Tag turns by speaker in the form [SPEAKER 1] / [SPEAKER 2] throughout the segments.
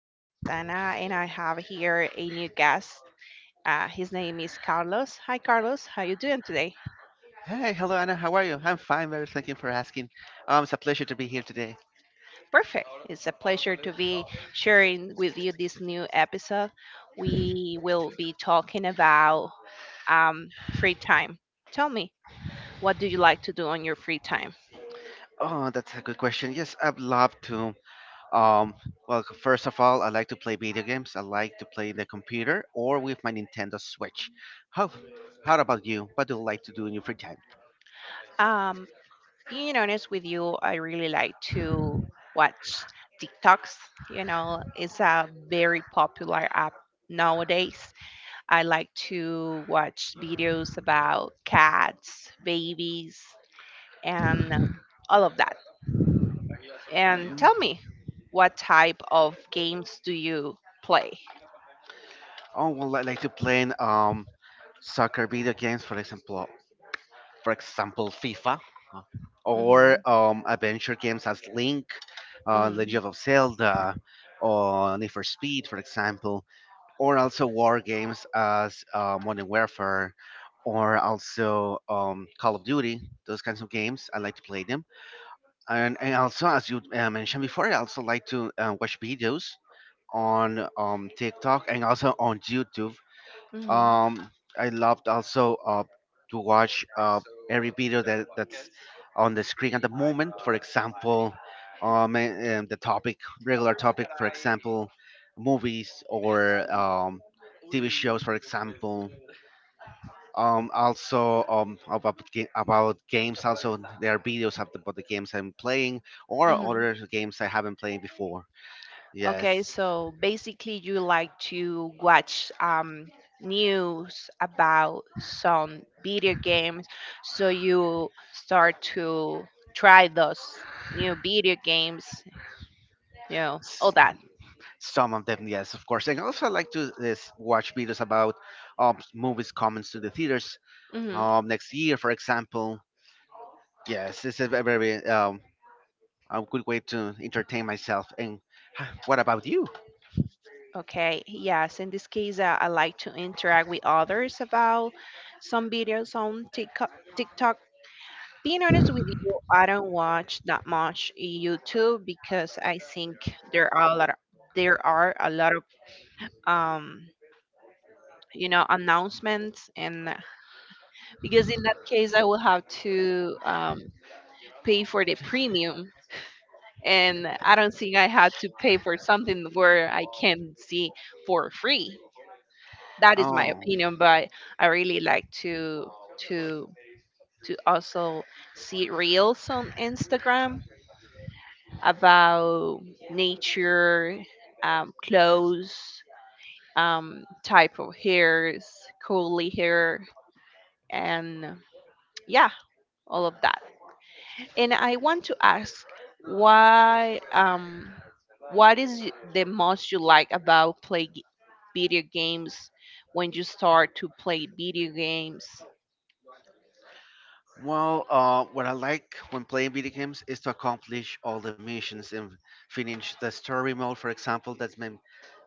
[SPEAKER 1] My name is Anna, and I have here a new guest. His name is Carlos. Hi, Carlos. How you doing today?
[SPEAKER 2] Hey, hello Anna. How are you? I'm fine, very thank you for asking. It's a pleasure to be here today.
[SPEAKER 1] Perfect. It's a pleasure to be sharing with you this new episode. We will be talking about free time. Tell me, what do you like to do on your free time?
[SPEAKER 2] Oh, that's a good question. Yes, I'd love to. Um, well, first of all, I like to play video games. I like to play the computer or with my Nintendo Switch. How, how about you? What do you like to do in your free time?
[SPEAKER 1] Um, being honest with you, I really like to watch TikToks. You know, it's a very popular app nowadays. I like to watch videos about cats, babies, and all of that. And
[SPEAKER 2] Um,
[SPEAKER 1] tell me, what type of games do you play?
[SPEAKER 2] oh, well, I like to play soccer video games, for example, FIFA, uh,
[SPEAKER 1] Hmm.
[SPEAKER 2] or adventure games as Link,
[SPEAKER 1] Hmm.
[SPEAKER 2] Legend of Zelda, or Need for Speed, for example, or also war games as Modern Warfare, or also Call of Duty. Those kinds of games, I like to play them. And also, as you mentioned before, I also like to watch videos on TikTok and also on YouTube.
[SPEAKER 1] Hmm.
[SPEAKER 2] um, I loved also to watch every video that's on the screen at the moment. For example, the topic, regular topic, for example, movies or TV shows, for example. Also about about games. Also, there are videos about the games I'm playing or
[SPEAKER 1] Hmm.
[SPEAKER 2] other games I haven't played before.
[SPEAKER 1] Okay,
[SPEAKER 2] Yes.
[SPEAKER 1] so basically, you like to watch news about some video games, so you start to try those new video games, all that.
[SPEAKER 2] Some of them, yes, of course. And also, I like to is, watch videos about movies coming to the theaters
[SPEAKER 1] Hmm.
[SPEAKER 2] next year, for example. Yes, it's a very a good way to entertain myself. And what about you?
[SPEAKER 1] Okay, yes, in this case, I like to interact with others about some videos on TikTok. Being honest with you, I don't watch that much YouTube because I think there are a lot of um, announcements. And because in that case, I will have to pay for the premium. And I don't think I had to pay for something where I can see for free. That is my
[SPEAKER 2] Oh,
[SPEAKER 1] opinion, but I really like to to also see reels on Instagram about nature, clothes, type of hairs, curly hair, and yeah, all of that. And I want to ask why what is the most you like about play video games when you start to play video games?
[SPEAKER 2] well, what I like when playing video games is to accomplish all the missions and finish the story mode, for example. That's my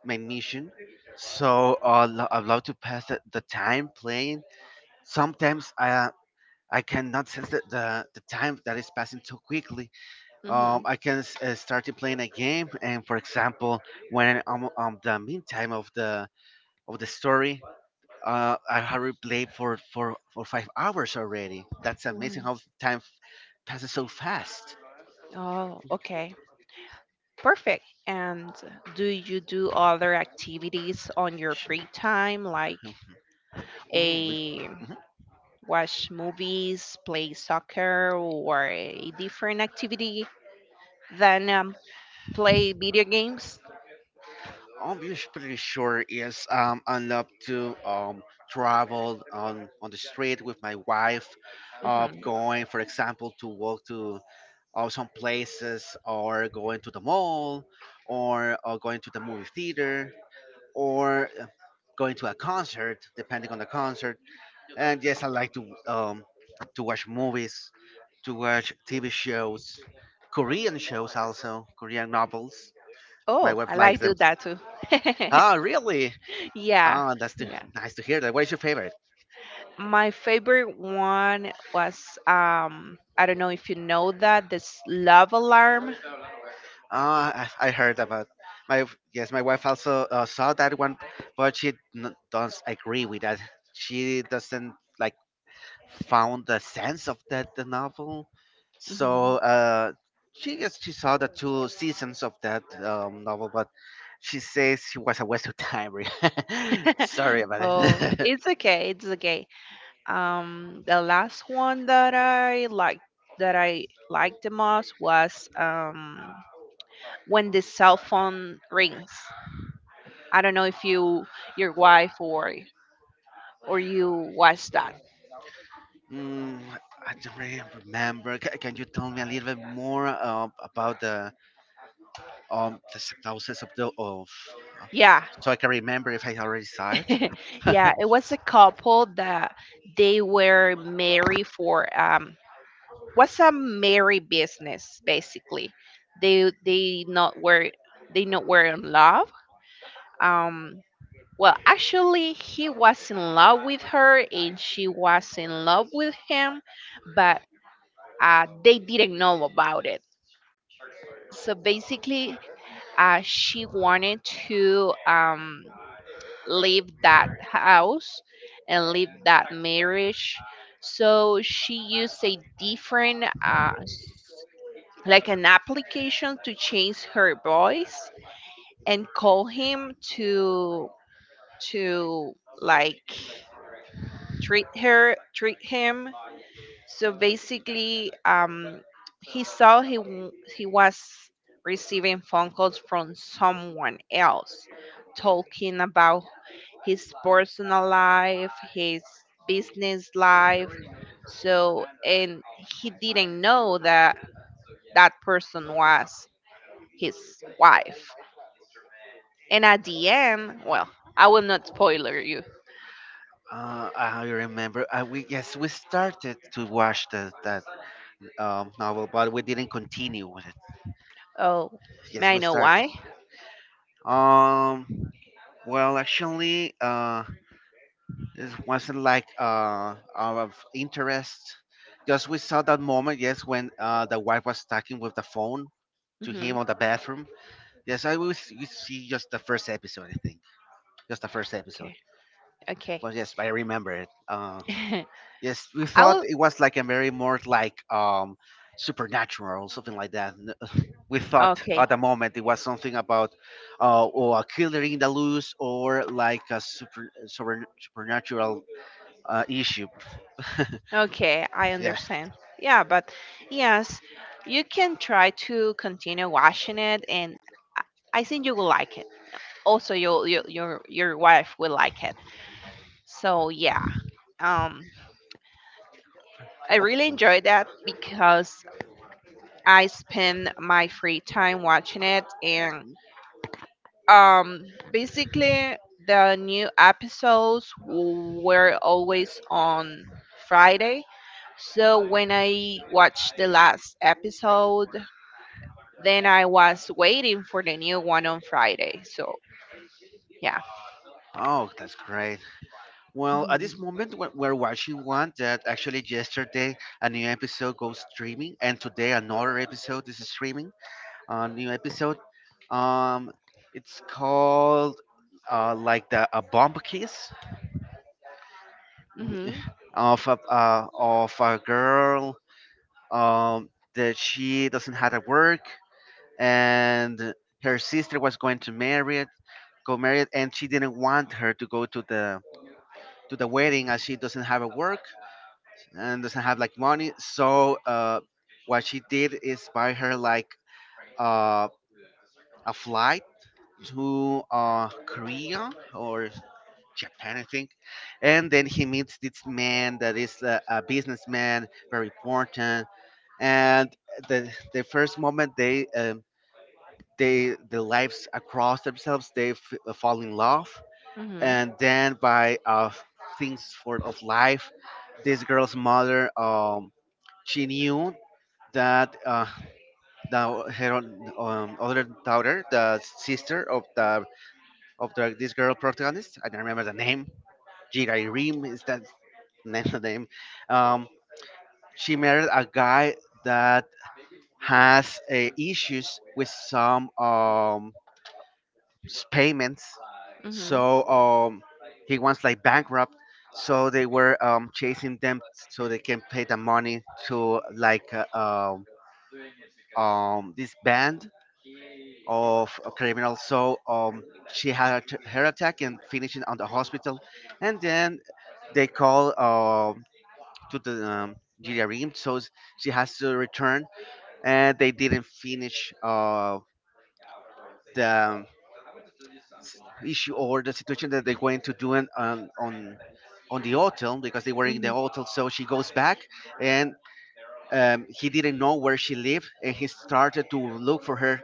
[SPEAKER 2] my mission. So I love to pass the time playing. Sometimes I cannot sense the time that is passing too quickly.
[SPEAKER 1] Mhm.
[SPEAKER 2] Start to playing a game, and for example, when I'm the meantime of the story, I have played for 5 hours already. That's amazing
[SPEAKER 1] Mhm.
[SPEAKER 2] how time passes so fast.
[SPEAKER 1] Oh, okay. Perfect. And do you do other activities on your free time like
[SPEAKER 2] Oh, my-
[SPEAKER 1] a
[SPEAKER 2] mhm.
[SPEAKER 1] watch movies, play soccer or a different activity than play video games.
[SPEAKER 2] I'm just pretty sure is I love to travel on the street with my wife,
[SPEAKER 1] Hmm.
[SPEAKER 2] going for example to walk to or some places, or going to the mall, or going to the movie theater, or going to a concert depending on the concert. And yes, I like to watch movies, to watch TV shows, Korean shows, also Korean novels. My
[SPEAKER 1] Oh,
[SPEAKER 2] wife
[SPEAKER 1] I
[SPEAKER 2] likes
[SPEAKER 1] like
[SPEAKER 2] them.
[SPEAKER 1] do that too.
[SPEAKER 2] Ah, really?
[SPEAKER 1] Yeah,
[SPEAKER 2] Ah, that's too,
[SPEAKER 1] yeah.
[SPEAKER 2] nice to hear that. What is your favorite?
[SPEAKER 1] My favorite one was I don't know if you know that this Love Alarm.
[SPEAKER 2] I heard about my yes, my wife also saw that one, but she doesn't agree with that. She doesn't like found the sense of that the novel. So
[SPEAKER 1] Mhm.
[SPEAKER 2] she yes, she saw the two seasons of that novel, but she says it was a waste of time. Really. Sorry about
[SPEAKER 1] Oh,
[SPEAKER 2] it.
[SPEAKER 1] it's okay. It's okay. The last one that I liked the most was when the cell phone rings. I don't know if your wife or you watched that.
[SPEAKER 2] Mm, I don't really remember. Ca can you tell me a little bit more about the synopsis of the of
[SPEAKER 1] Yeah.
[SPEAKER 2] so I can remember if I already saw it. uh,
[SPEAKER 1] Yeah, it was a couple that they were married for what's a married business basically. They not were in love. Um well actually he was in love with her and she was in love with him but they didn't know about it. So basically she wanted to leave that house and leave that marriage. So she used a different, like an application to change her voice and call him to like treat him so basically he saw he w- he was receiving phone calls from someone else talking about his personal life his business life so and he didn't know that that person was his wife and at the end, well, I will not spoiler you.
[SPEAKER 2] I remember. We yes, we started to watch that novel, but we didn't continue with it.
[SPEAKER 1] Oh,
[SPEAKER 2] Yes,
[SPEAKER 1] may I
[SPEAKER 2] we
[SPEAKER 1] know
[SPEAKER 2] started.
[SPEAKER 1] why?
[SPEAKER 2] Um. Well, actually, this wasn't like out of interest. Just we saw that moment. Yes, when the wife was talking with the phone to him on
[SPEAKER 1] Hmm
[SPEAKER 2] the bathroom. Yes, I will see just the first episode. I think just the first episode.
[SPEAKER 1] Okay. Okay.
[SPEAKER 2] But yes, I remember it. Yes, we
[SPEAKER 1] I
[SPEAKER 2] thought
[SPEAKER 1] will.
[SPEAKER 2] it was like a very more like supernatural or something like that. We thought
[SPEAKER 1] Okay.
[SPEAKER 2] at the moment it was something about or a killer in the loose, or like a super, super supernatural issue.
[SPEAKER 1] Okay. I
[SPEAKER 2] Yeah,
[SPEAKER 1] understand. Yeah, but yes, you can try to continue watching it, and I I think you will like it. Also, your wife will like it. So yeah, um, I
[SPEAKER 2] of
[SPEAKER 1] really
[SPEAKER 2] course.
[SPEAKER 1] enjoyed that because I spend my free time watching it, and basically the new episodes were always on Friday so when I watched the last episode then I was waiting for the new one on Friday so yeah.
[SPEAKER 2] Oh, that's great. Well, at this
[SPEAKER 1] Mhm.
[SPEAKER 2] moment, we're watching one that actually yesterday a new episode goes streaming, and today another episode is streaming. Uh, new episode. Um, it's called like the a bomb kiss
[SPEAKER 1] Mhm.
[SPEAKER 2] of a girl that she doesn't have to work, and her sister was going to marry it, go marry it, and she didn't want her to go to the wedding as she doesn't have a work and doesn't have like money. So what she did is buy her like uh, a flight to Korea or Japan, I think. And then he meets this man that is a businessman, very important. And the first moment they the lives across themselves, they fall in love.
[SPEAKER 1] Mhm.
[SPEAKER 2] And then by things for of life, this girl's mother she knew that the her own, other daughter, the sister of the, this girl protagonist. I don't remember the name. Jirai is that name? The name. Um, she married a guy that has issues with some payments,
[SPEAKER 1] Mhm.
[SPEAKER 2] so he wants like bankrupt. So they were chasing them so they can pay the money to like um, this band of a criminal. So she had her attack and finishing on the hospital, and then they call to the Jijarim, so she has to return, and they didn't finish the s- issue or the situation that they're going to do in, on the hotel because they were in the
[SPEAKER 1] Mhm.
[SPEAKER 2] hotel. So she goes back, and he didn't know where she lived, and he started to look for her,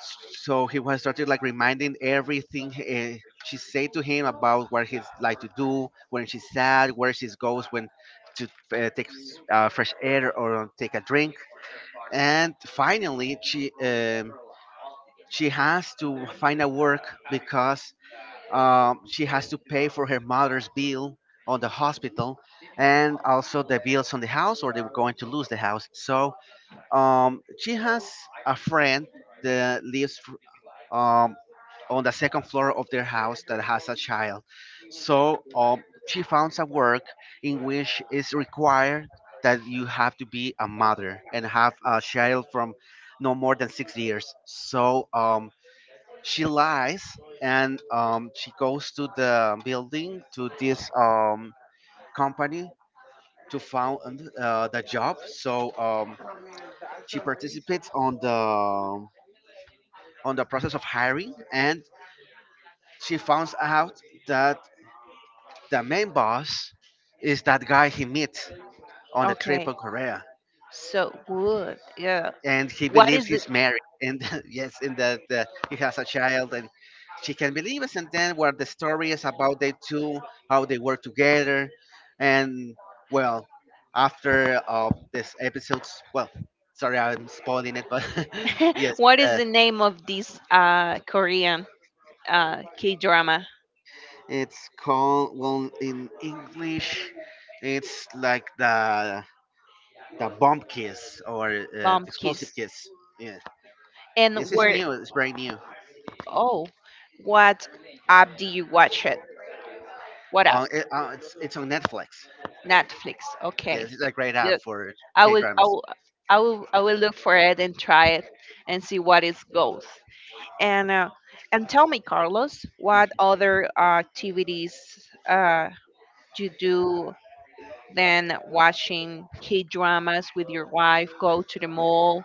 [SPEAKER 2] so he was started like reminding everything she said to him about what he's like to do when she's sad where she goes when to take fresh air or take a drink. And finally she has to find a work because she has to pay for her mother's bill on the hospital, and also the bills on the house or they're going to lose the house. So she has a friend that lives um, on the second floor of their house that has a child. So she found a work in which it's required that you have to be a mother and have a child from no more than 6 years. So she lies, and she goes to the building to this company to found the job. So she participates on the process of hiring, and she found out that the main boss is that guy he meets on the trip
[SPEAKER 1] Okay,
[SPEAKER 2] on Korea,
[SPEAKER 1] so good. Yeah,
[SPEAKER 2] and he
[SPEAKER 1] what
[SPEAKER 2] believes
[SPEAKER 1] is the
[SPEAKER 2] he's married, and yes, and that he has a child, and she can believe us. And then where the story is about they two, how they work together, and well, after this episode's well. Sorry, I'm spoiling it, but yes,
[SPEAKER 1] what is
[SPEAKER 2] uh,
[SPEAKER 1] the name of this Korean K drama?
[SPEAKER 2] it's called well in English. It's like the bomb kiss or the
[SPEAKER 1] Bomb
[SPEAKER 2] explosive
[SPEAKER 1] Kiss.
[SPEAKER 2] kiss. Yeah,
[SPEAKER 1] And
[SPEAKER 2] yes, it's
[SPEAKER 1] where?
[SPEAKER 2] new. It's brand new.
[SPEAKER 1] Oh, what app do you watch it? What app?
[SPEAKER 2] It's on Netflix.
[SPEAKER 1] Netflix. Okay.
[SPEAKER 2] Yes, it's a great app
[SPEAKER 1] Good.
[SPEAKER 2] for
[SPEAKER 1] I
[SPEAKER 2] K
[SPEAKER 1] will. I
[SPEAKER 2] dramas.
[SPEAKER 1] will. I will, I will look for it and try it and see what it goes. And uh, and tell me, Carlos, what other activities uh, you do than watching K dramas with your wife, go to the mall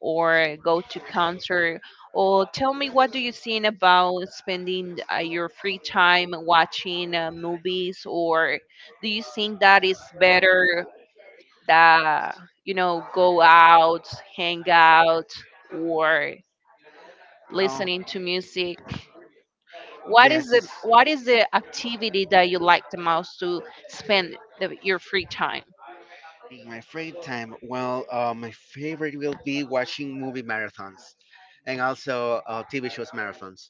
[SPEAKER 1] or go to concert or tell me what do you think about spending your free time watching movies or do you think that is better that go out hang out or
[SPEAKER 2] Oh
[SPEAKER 1] listening to music what is
[SPEAKER 2] yes,
[SPEAKER 1] the
[SPEAKER 2] it's
[SPEAKER 1] what is the activity that you like the most to spend your free time.
[SPEAKER 2] in my free time. Well, my favorite will be watching movie marathons, and also TV shows marathons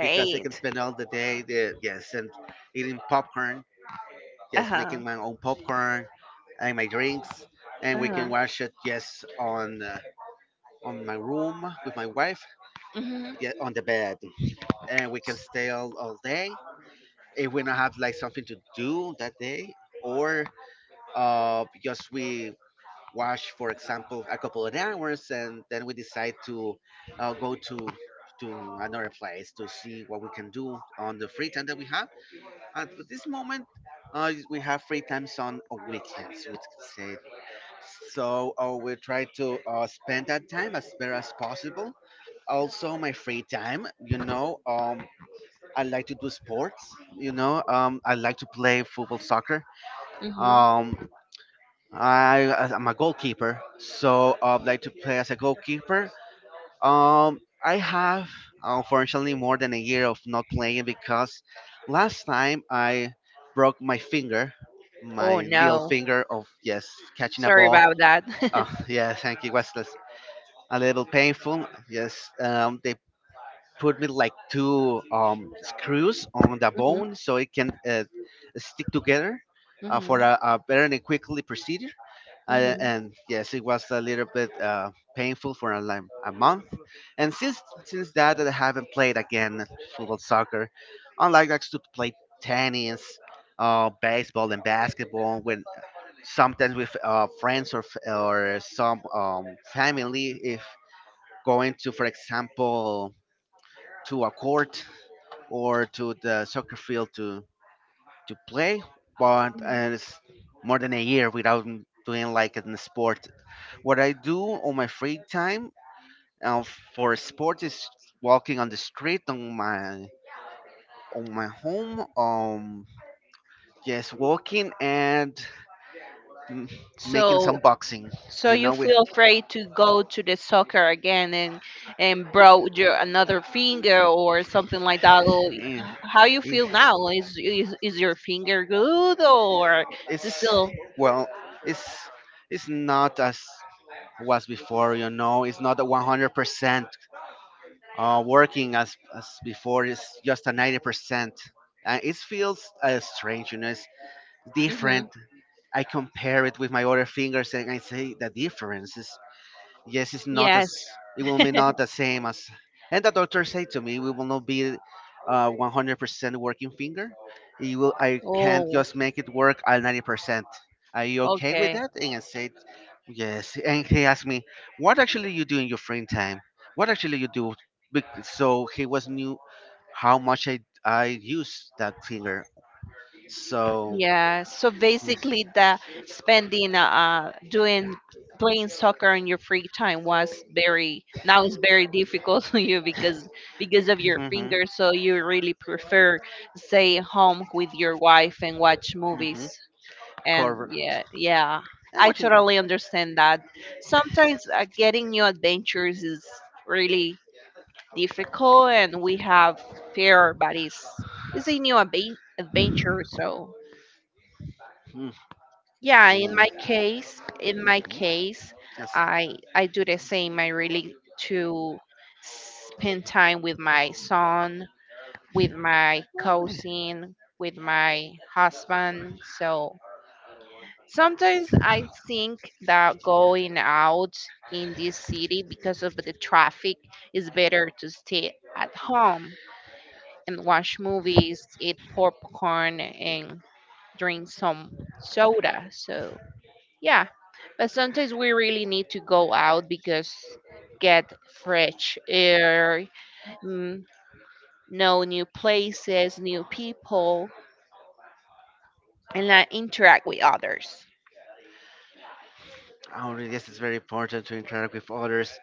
[SPEAKER 2] because I can spend all the day. The, yes, and eating popcorn. Yes,
[SPEAKER 1] Uh-huh.
[SPEAKER 2] making my own popcorn and my drinks, and we can
[SPEAKER 1] Uh-huh.
[SPEAKER 2] watch it. Yes, on. On my room with my wife,
[SPEAKER 1] Mhm.
[SPEAKER 2] get on the bed, and we can stay all day if we don't have like something to do that day, or because we watch for example a couple of hours and then we decide to go to another place to see what we can do on the free time that we have at this moment. Uh, we have free times on weekends we can say, so we try to spend that time as better as possible. Also my free time, you know, I like to do sports. You know, I like to play football, soccer.
[SPEAKER 1] Mhm.
[SPEAKER 2] Um, I'm a goalkeeper, so I like to play as a goalkeeper. I have unfortunately more than a year of not playing because last time I broke my finger,
[SPEAKER 1] Oh
[SPEAKER 2] my little
[SPEAKER 1] no.
[SPEAKER 2] finger of yes catching a
[SPEAKER 1] Sorry
[SPEAKER 2] ball.
[SPEAKER 1] about that.
[SPEAKER 2] Yeah, thank you. It was a little painful. Yes, they put me like two screws on the
[SPEAKER 1] Mhm.
[SPEAKER 2] bone so it can stick together for
[SPEAKER 1] Mhm.
[SPEAKER 2] a better and quickly procedure.
[SPEAKER 1] Mhm.
[SPEAKER 2] And yes, it was a little bit painful for a month. And since that, I haven't played again football, soccer. Unlike I used to play tennis, baseball, and basketball. When sometimes with friends or or some family, if going to, for example, to a court or to the soccer field to play. But it's more than a year without doing like in the sport. What I do on my free time uh, for sport is walking on the street on my home. Yes, walking and mm, making
[SPEAKER 1] So
[SPEAKER 2] some boxing.
[SPEAKER 1] so
[SPEAKER 2] You
[SPEAKER 1] you
[SPEAKER 2] know, we,
[SPEAKER 1] feel afraid to go to the soccer again and broke your another finger or something like that. Or
[SPEAKER 2] eh,
[SPEAKER 1] how you
[SPEAKER 2] eh,
[SPEAKER 1] feel now? Is your finger good or is it
[SPEAKER 2] it's
[SPEAKER 1] still?
[SPEAKER 2] well, it's it's not as was before. You know, it's not a 100% working as before is just a 90%. And it feels strange, you know. It's different.
[SPEAKER 1] Mhm.
[SPEAKER 2] I compare it with my other fingers, and I say the difference is yes, it's not as
[SPEAKER 1] Yes.
[SPEAKER 2] it will be not the same as. And the doctor said to me, we will not be 100% working finger. You will, I can't
[SPEAKER 1] Oh.
[SPEAKER 2] just make it work at 90%. Are you okay with
[SPEAKER 1] Okay.
[SPEAKER 2] that? And I said, yes. And he asked me, what actually you do in your free time? What actually you do? So he was knew how much I use that finger. So
[SPEAKER 1] Yeah, so
[SPEAKER 2] yes,
[SPEAKER 1] basically the spending doing playing soccer in your free time was very now it's very difficult for you because of your
[SPEAKER 2] mm-hmm,
[SPEAKER 1] fingers so you really prefer stay home with your wife and watch movies
[SPEAKER 2] hmm
[SPEAKER 1] and
[SPEAKER 2] cover.
[SPEAKER 1] yeah, yeah.
[SPEAKER 2] I'm
[SPEAKER 1] I
[SPEAKER 2] watching.
[SPEAKER 1] totally understand that sometimes getting new adventures is really difficult and we have fear but it's a new adventure so
[SPEAKER 2] Mm,
[SPEAKER 1] yeah, in
[SPEAKER 2] yeah.
[SPEAKER 1] my case, in my
[SPEAKER 2] Mhm.
[SPEAKER 1] case,
[SPEAKER 2] Yes.
[SPEAKER 1] I do the same. I really to spend time with my son, with my
[SPEAKER 2] Well,
[SPEAKER 1] cousin, with my husband. So sometimes I think that going out in this city because of the traffic is better to stay at home and watch movies, eat popcorn and drink some soda. So yeah, but sometimes we really need to go out because get fresh air, mm, know new places, new people, and interact with others.
[SPEAKER 2] I guess it's very important to interact with others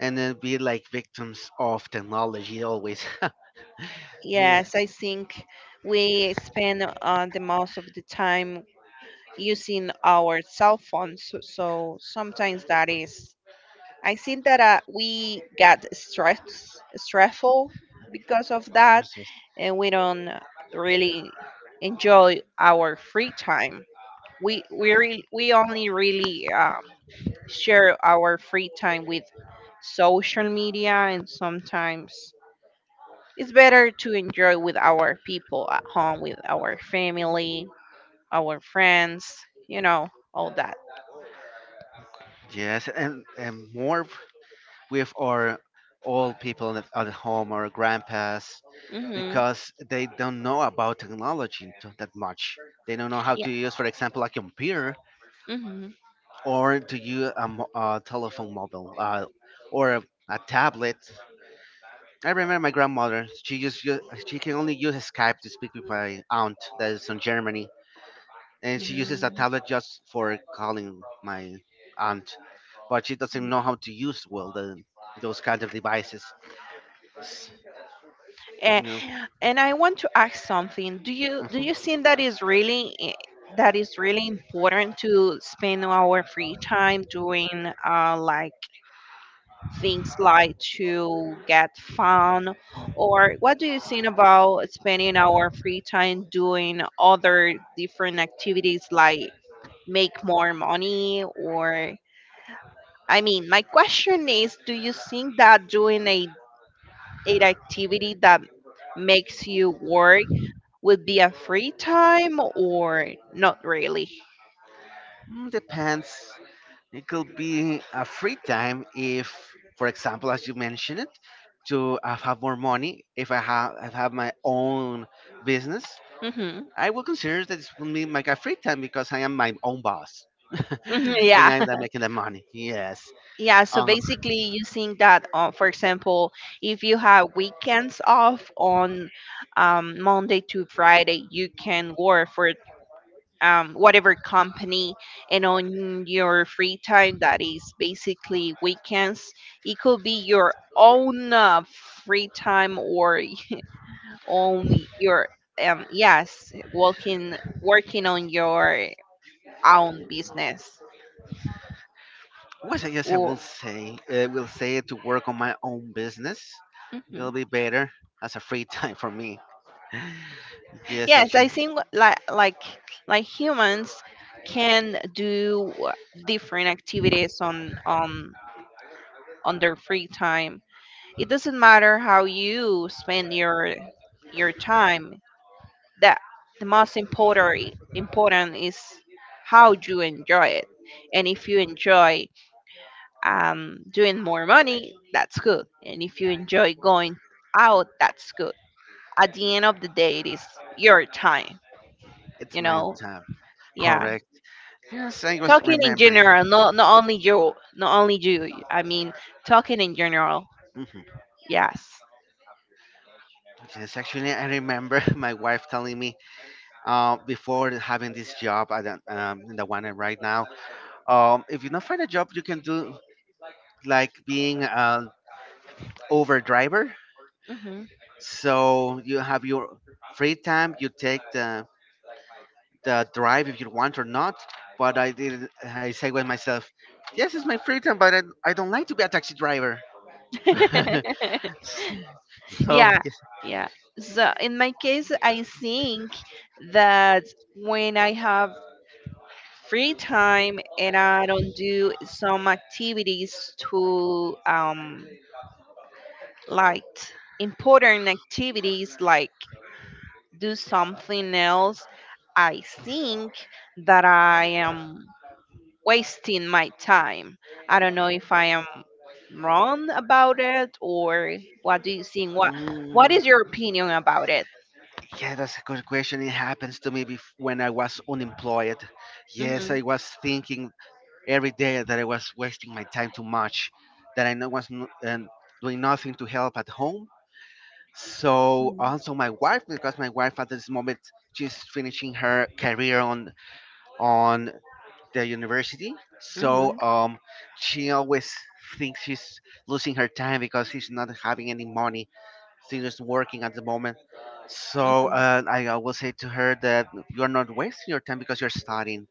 [SPEAKER 2] and then be like victims of technology always. Yes,
[SPEAKER 1] Yes, I think we spend the most of the time using our cell phones, so sometimes that is I think that we get stressful because of that,
[SPEAKER 2] yes, yes,
[SPEAKER 1] and we don't really enjoy our free time. We only really share our free time with social media, and sometimes it's better to enjoy with our people at home, with our family, our friends, you know, all that.
[SPEAKER 2] yes, and more with our old people at home, our grandpas,
[SPEAKER 1] Mhm.
[SPEAKER 2] because they don't know about technology that much. They don't know how
[SPEAKER 1] Yeah.
[SPEAKER 2] to use, for example, a computer
[SPEAKER 1] Mhm.
[SPEAKER 2] or to use a, a telephone mobile or a tablet. I remember my grandmother. She can only use Skype to speak with my aunt that is in Germany, and she uses a
[SPEAKER 1] Mhm.
[SPEAKER 2] tablet just for calling my aunt, but she doesn't know how to use well the those kind of devices. S- You
[SPEAKER 1] And,
[SPEAKER 2] know,
[SPEAKER 1] and I want to ask something. Do you do
[SPEAKER 2] mhm.
[SPEAKER 1] you think that is really important to spend our free time doing like things like to get fun, or what do you think about spending our free time doing other different activities like make more money or I mean, my question is, do you think that doing a an activity that makes you work would be a free time or not really?
[SPEAKER 2] Mm, depends. It could be a free time if, for example, as you mentioned it, to have more money. If I have, I have my own business,
[SPEAKER 1] Hmm.
[SPEAKER 2] I will consider that this will be my free time because I am my own boss.
[SPEAKER 1] Hmm.
[SPEAKER 2] And
[SPEAKER 1] Yeah.
[SPEAKER 2] I'm not making the money. Yes.
[SPEAKER 1] Yeah, so
[SPEAKER 2] Um,
[SPEAKER 1] basically you think that for example, if you have weekends off on Monday to Friday, you can work for whatever company and on your free time that is basically weekends it could be your own free time or on your yes working on your own business
[SPEAKER 2] what I guess
[SPEAKER 1] or
[SPEAKER 2] I will say to work on my own business. It'll
[SPEAKER 1] Mhm.
[SPEAKER 2] be better as a free time for me. Yes,
[SPEAKER 1] Yes, I
[SPEAKER 2] actually,
[SPEAKER 1] think like humans can do different activities on their free time. It doesn't matter how you spend your time. That the most important is how you enjoy it. And if you enjoy doing more money, that's good. And if you enjoy going out, that's good. At the end of the day, it is your time.
[SPEAKER 2] it's
[SPEAKER 1] You
[SPEAKER 2] my
[SPEAKER 1] know,
[SPEAKER 2] time.
[SPEAKER 1] yeah.
[SPEAKER 2] Correct. Yes, I was
[SPEAKER 1] Talking in
[SPEAKER 2] remembering.
[SPEAKER 1] general, not only you, not only you. I mean, talking in general.
[SPEAKER 2] Hmm.
[SPEAKER 1] Yes.
[SPEAKER 2] Yes, actually, I remember my wife telling me before having this job, I don't- the one I'm right now, if you don't find a job, you can do like being Over driver.
[SPEAKER 1] Hmm.
[SPEAKER 2] So you have your free time. You take the drive if you want or not. But I did. I say with myself, yes, it's my free time, but I don't like to be a taxi driver. So
[SPEAKER 1] Yeah,
[SPEAKER 2] yes,
[SPEAKER 1] yeah, so in my case I think that when I have free time and I don't do some activities to like important activities like do something else I think that I am wasting my time I don't know if I am wrong about it, or what do you think? What
[SPEAKER 2] mm,
[SPEAKER 1] is your opinion about it?
[SPEAKER 2] yeah, that's a good question. It happens to me when I was unemployed. Yes,
[SPEAKER 1] Hmm.
[SPEAKER 2] I was thinking every day that I was wasting my time too much, that I no- was n- and doing nothing to help at home. So
[SPEAKER 1] Hmm.
[SPEAKER 2] also my wife, because my wife at this moment she's finishing her career on the university. So
[SPEAKER 1] Hmm.
[SPEAKER 2] she always thinks she's losing her time because she's not having any money. She's just working at the moment. So I always say to her that you're not wasting your time because you're studying.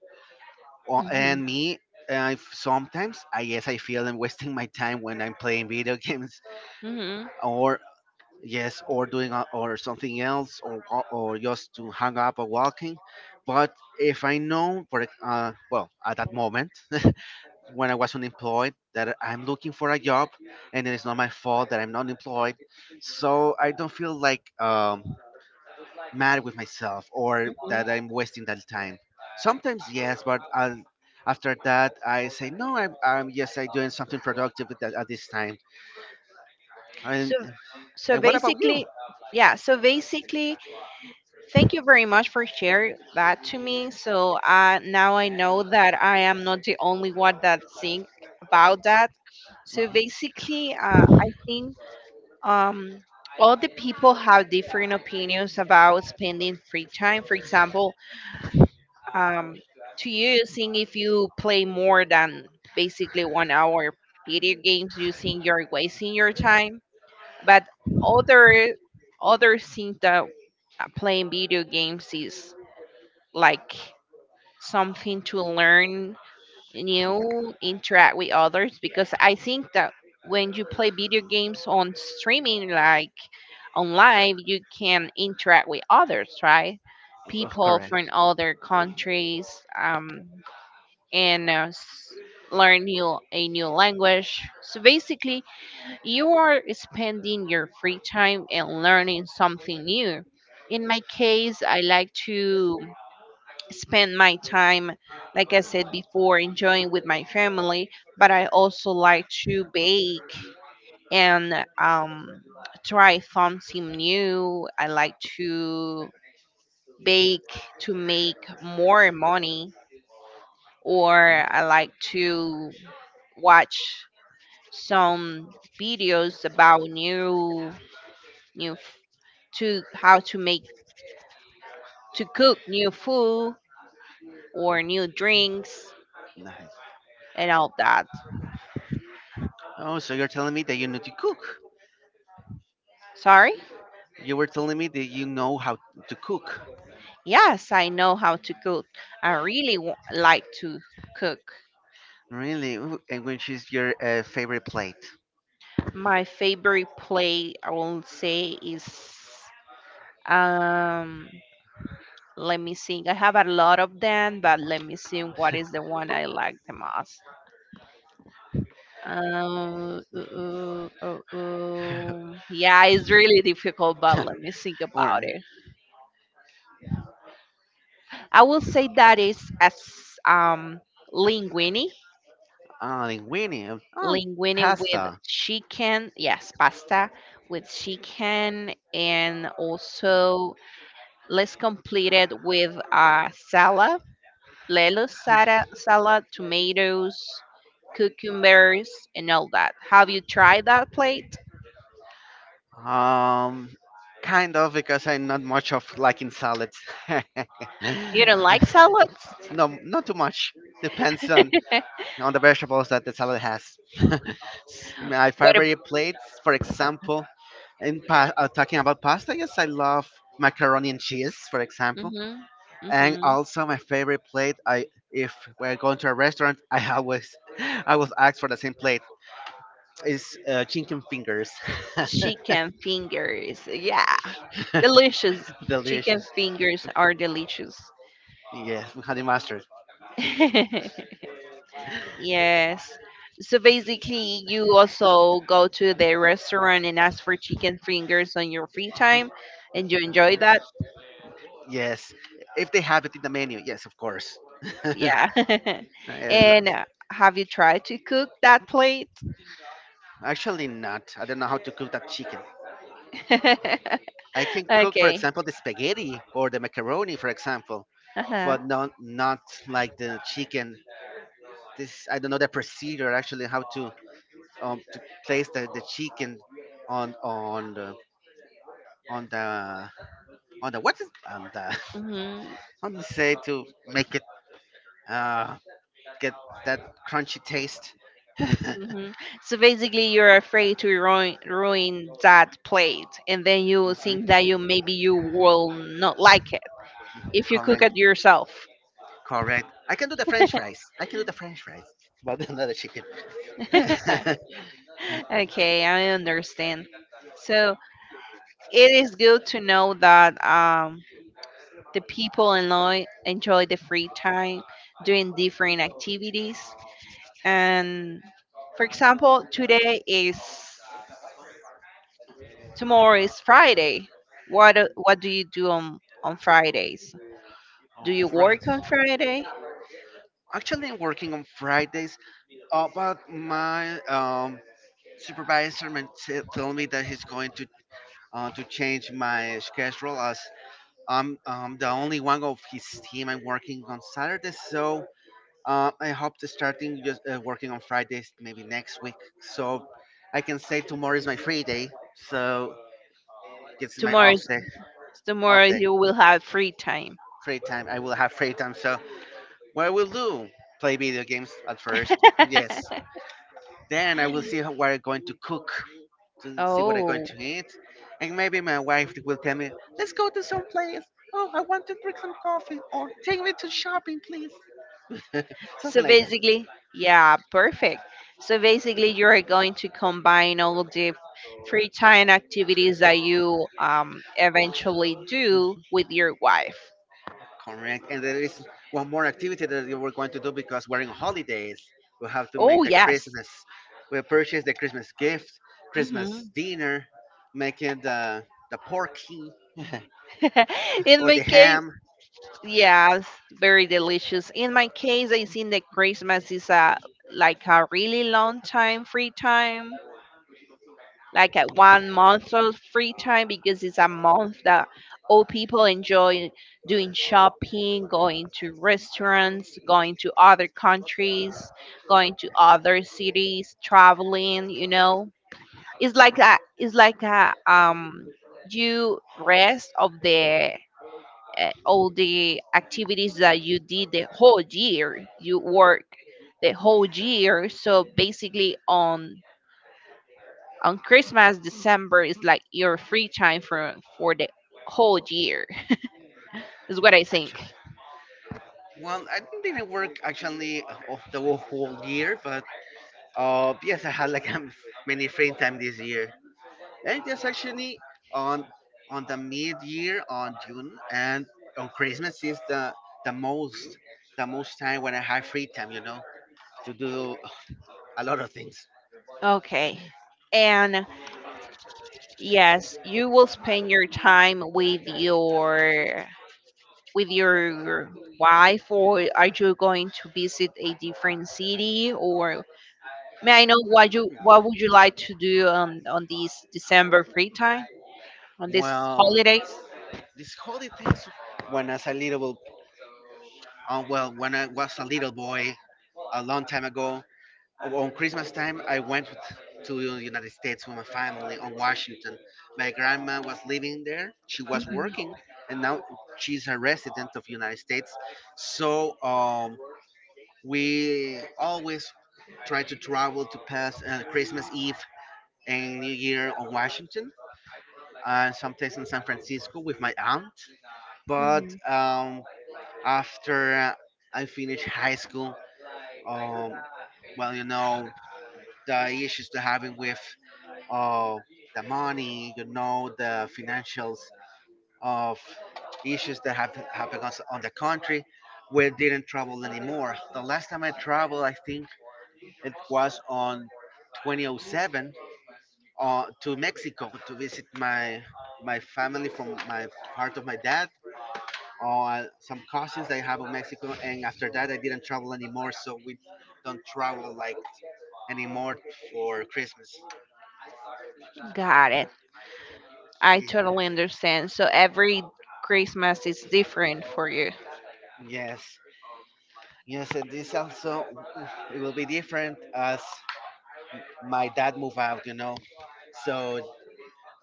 [SPEAKER 1] Hmm.
[SPEAKER 2] And me, I sometimes I guess I feel I'm wasting my time when I'm playing video games
[SPEAKER 1] Hmm.
[SPEAKER 2] or yes or doing a, or something else or or just to hang up or walking, but if I know for well at that moment when I was unemployed that I'm looking for a job, and it is not my fault that I'm not employed, so I don't feel like mad with myself or that I'm wasting that time. Sometimes yes, but after that I say no I'm yes I'm doing something productive at this time. and,
[SPEAKER 1] So, so,
[SPEAKER 2] and what about you?
[SPEAKER 1] basically, yeah. So basically, thank you very much for sharing that to me. So now I know that I am not the only one that think about that. So
[SPEAKER 2] Hmm.
[SPEAKER 1] basically, I think um, all the people have different opinions about spending free time. For example, um, to you seeing if you play more than basically 1 hour video games using are wasting your time but other other thing that playing video games is like something to learn new interact with others because I think that when you play video games on streaming like on live you can interact with others right people from
[SPEAKER 2] Correct.
[SPEAKER 1] other countries um, and learn new a new language. So basically, you are spending your free time and learning something new. In my case, I like to spend my time, like I said before, enjoying with my family, but I also like to bake and try something new. I like to bake to make more money, or
[SPEAKER 2] Um,
[SPEAKER 1] I like to watch some videos about new f- to how to make to cook new food or new drinks
[SPEAKER 2] Nice.
[SPEAKER 1] and all that.
[SPEAKER 2] Oh, so you're telling me that you know to cook.
[SPEAKER 1] Sorry?
[SPEAKER 2] You were telling me that you know how to cook.
[SPEAKER 1] Yes, I know how to cook. I really like to cook.
[SPEAKER 2] Really? Ooh, and which is your favorite plate?
[SPEAKER 1] My favorite play, I will say, is um. Let me think. I have a lot of them, but let me see what is the one I like the most. Uh, uh, uh, Ooh, ooh, ooh, ooh. Yeah, it's really difficult, but let me think about
[SPEAKER 2] Or
[SPEAKER 1] it. I will say that is as um linguine,
[SPEAKER 2] linguine? Oh,
[SPEAKER 1] linguine with
[SPEAKER 2] pasta.
[SPEAKER 1] chicken. Yes, pasta with chicken, and also let's complete it with salad, lettuce, salad, tomatoes, cucumbers, and all that. Have you tried that plate?
[SPEAKER 2] Um, kind of because I'm not much of liking salads.
[SPEAKER 1] You don't like salads?
[SPEAKER 2] No, not too much. Depends on the vegetables that the salad has. My
[SPEAKER 1] What.
[SPEAKER 2] favorite plates, for example, in talking about pasta, yes, I love macaroni and cheese, for example.
[SPEAKER 1] Mhm.
[SPEAKER 2] And
[SPEAKER 1] Mhm.
[SPEAKER 2] also my favorite plate, I if we're going to a restaurant, I always I will ask for the same plate. Is chicken fingers.
[SPEAKER 1] Chicken fingers. Yeah. Delicious. Chicken
[SPEAKER 2] Delicious.
[SPEAKER 1] fingers are delicious.
[SPEAKER 2] Yes, with honey mustard.
[SPEAKER 1] Yes. So basically, you also go to the restaurant and ask for chicken fingers on your free time, and
[SPEAKER 2] Y-
[SPEAKER 1] you enjoy that.
[SPEAKER 2] Yes, if they have it in the menu, yes, of course. I
[SPEAKER 1] Yeah. And
[SPEAKER 2] love-
[SPEAKER 1] have you tried to cook that plate?
[SPEAKER 2] actually, not. I don't know how to cook that chicken. I can cook, for
[SPEAKER 1] Okay.
[SPEAKER 2] example, the spaghetti or the macaroni, for example,
[SPEAKER 1] Uh-huh.
[SPEAKER 2] but not like the chicken. This I don't know the procedure actually how to place the chicken on on the on the on the what is on the
[SPEAKER 1] Hmm.
[SPEAKER 2] how do you say to make it uh get that crunchy taste. Hmm.
[SPEAKER 1] Hmm. So basically, you're afraid to ruin that plate, and then you will think that you maybe you will not like it if you cook
[SPEAKER 2] Correct,
[SPEAKER 1] it yourself.
[SPEAKER 2] correct. I can do the French fries. But another chicken. Oh,
[SPEAKER 1] Okay, I understand. So, it is good to know that the people enjoy the free time doing different activities. And for example, today is tomorrow is Friday. What what do you do on Fridays? Do you
[SPEAKER 2] fries.
[SPEAKER 1] work on Friday?
[SPEAKER 2] Actually, I'm working on Fridays. But my supervisor told me that he's going to change my schedule as I'm the only one of his team. I'm working on Saturdays, so I hope to starting just working on Fridays maybe next week, so I can say tomorrow is my free day. So this is my
[SPEAKER 1] Tomorrow is, tomorrow
[SPEAKER 2] off day,
[SPEAKER 1] you will have free time.
[SPEAKER 2] free time. I will have free time. So what I will do? Play video games at first. Yes. Then I will see how, what I'm going to cook to see what I'm going
[SPEAKER 1] Oh.
[SPEAKER 2] to eat. And maybe my wife will tell me, let's go to some place. Oh, I want to drink some coffee or take me to shopping, please.
[SPEAKER 1] So
[SPEAKER 2] Something like that.
[SPEAKER 1] basically, yeah, perfect. So basically, you are going to combine all the free time activities that you eventually do with your wife.
[SPEAKER 2] Correct. And there is one more activity that you were going to do because we're in holidays. We have to
[SPEAKER 1] Oh,
[SPEAKER 2] make the
[SPEAKER 1] yes.
[SPEAKER 2] Christmas. We purchase the Christmas gift, Christmas
[SPEAKER 1] Hmm.
[SPEAKER 2] dinner, making the porky
[SPEAKER 1] In
[SPEAKER 2] or
[SPEAKER 1] my
[SPEAKER 2] the
[SPEAKER 1] case,
[SPEAKER 2] ham.
[SPEAKER 1] yes, very delicious. In my case, I think that Christmas is a like a really long time free time. Like at 1 month of free time because it's a month that all people enjoy doing shopping, going to restaurants, going to other countries, going to other cities, traveling. It's like a you rest of the all the activities that you did the whole year. You work the whole year, so basically on Christmas, December is like your free time for the whole year. Is what I think.
[SPEAKER 2] Well, I didn't really work actually of the whole year, but yes, I had like many free time this year, and just actually on on the mid year on June and on Christmas is the most the most time when I have free time, you know, to do a lot of things.
[SPEAKER 1] Okay. And yes, you will spend your time with your wife or are you going to visit a different city or may I know what would you like to do on this December free time on these
[SPEAKER 2] Well,
[SPEAKER 1] holidays?
[SPEAKER 2] this holidays when I was a little, well, when I was a little boy a long time ago, well, on Christmas time, I went with, to the United States with my family on Washington. My grandma was living there; she was
[SPEAKER 1] Mhm.
[SPEAKER 2] working, and now she's a resident of United States. So we always try to travel to pass Christmas Eve and New Year on Washington, and sometimes in San Francisco with my aunt. But
[SPEAKER 1] Mhm.
[SPEAKER 2] after I finished high school, um, well, you know the issues they're having with of the money, you know, the financials of issues that have happened on the country. We didn't travel anymore. The last time I traveled, I think it was on 2007 to Mexico to visit my my family from my part of my dad or some cousins I have in Mexico. And after that, I didn't travel anymore, so we don't travel like anymore for Christmas.
[SPEAKER 1] Got it. I
[SPEAKER 2] Yeah.
[SPEAKER 1] totally understand. So every Christmas is different for you.
[SPEAKER 2] Yes. Yes, and this also it will be different as my dad move out, you know. So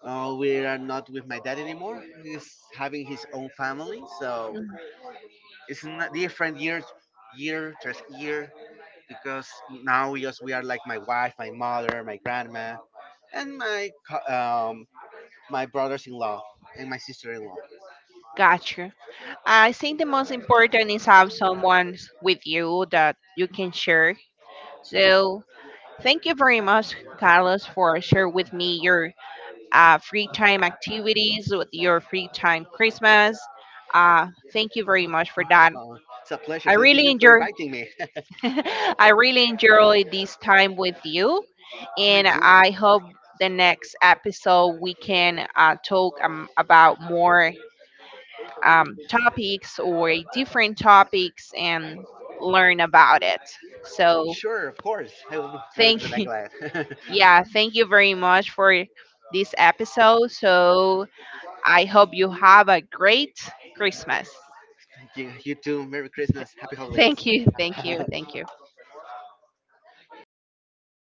[SPEAKER 2] we are not with my dad anymore. He's having his own family, so it's not different year, year just year because now we just we are like my wife, my mother, my grandma, and my um my brothers-in-law and my sister-in-law.
[SPEAKER 1] Gotcha. I think the most important is have someone with you that you can share. So thank you very much, Carlos, for sharing with me your free time activities with your free time Christmas. Thank you very much for that.
[SPEAKER 2] It's a pleasure.
[SPEAKER 1] I
[SPEAKER 2] Thank
[SPEAKER 1] really
[SPEAKER 2] you for
[SPEAKER 1] enjoy.
[SPEAKER 2] inviting me.
[SPEAKER 1] I really enjoy this time with you,
[SPEAKER 2] Me
[SPEAKER 1] and
[SPEAKER 2] too.
[SPEAKER 1] I hope the next episode we can talk about more topics or different topics and learn about it. So
[SPEAKER 2] Sure, of course. I will be more
[SPEAKER 1] thank
[SPEAKER 2] than
[SPEAKER 1] you.
[SPEAKER 2] glad.
[SPEAKER 1] Yeah, thank you very much for this episode. So I hope you have a great Christmas.
[SPEAKER 2] Thank you, you too. Merry
[SPEAKER 1] Th-
[SPEAKER 2] Christmas. Happy
[SPEAKER 1] Thank
[SPEAKER 2] holidays.
[SPEAKER 1] you, thank you, thank you.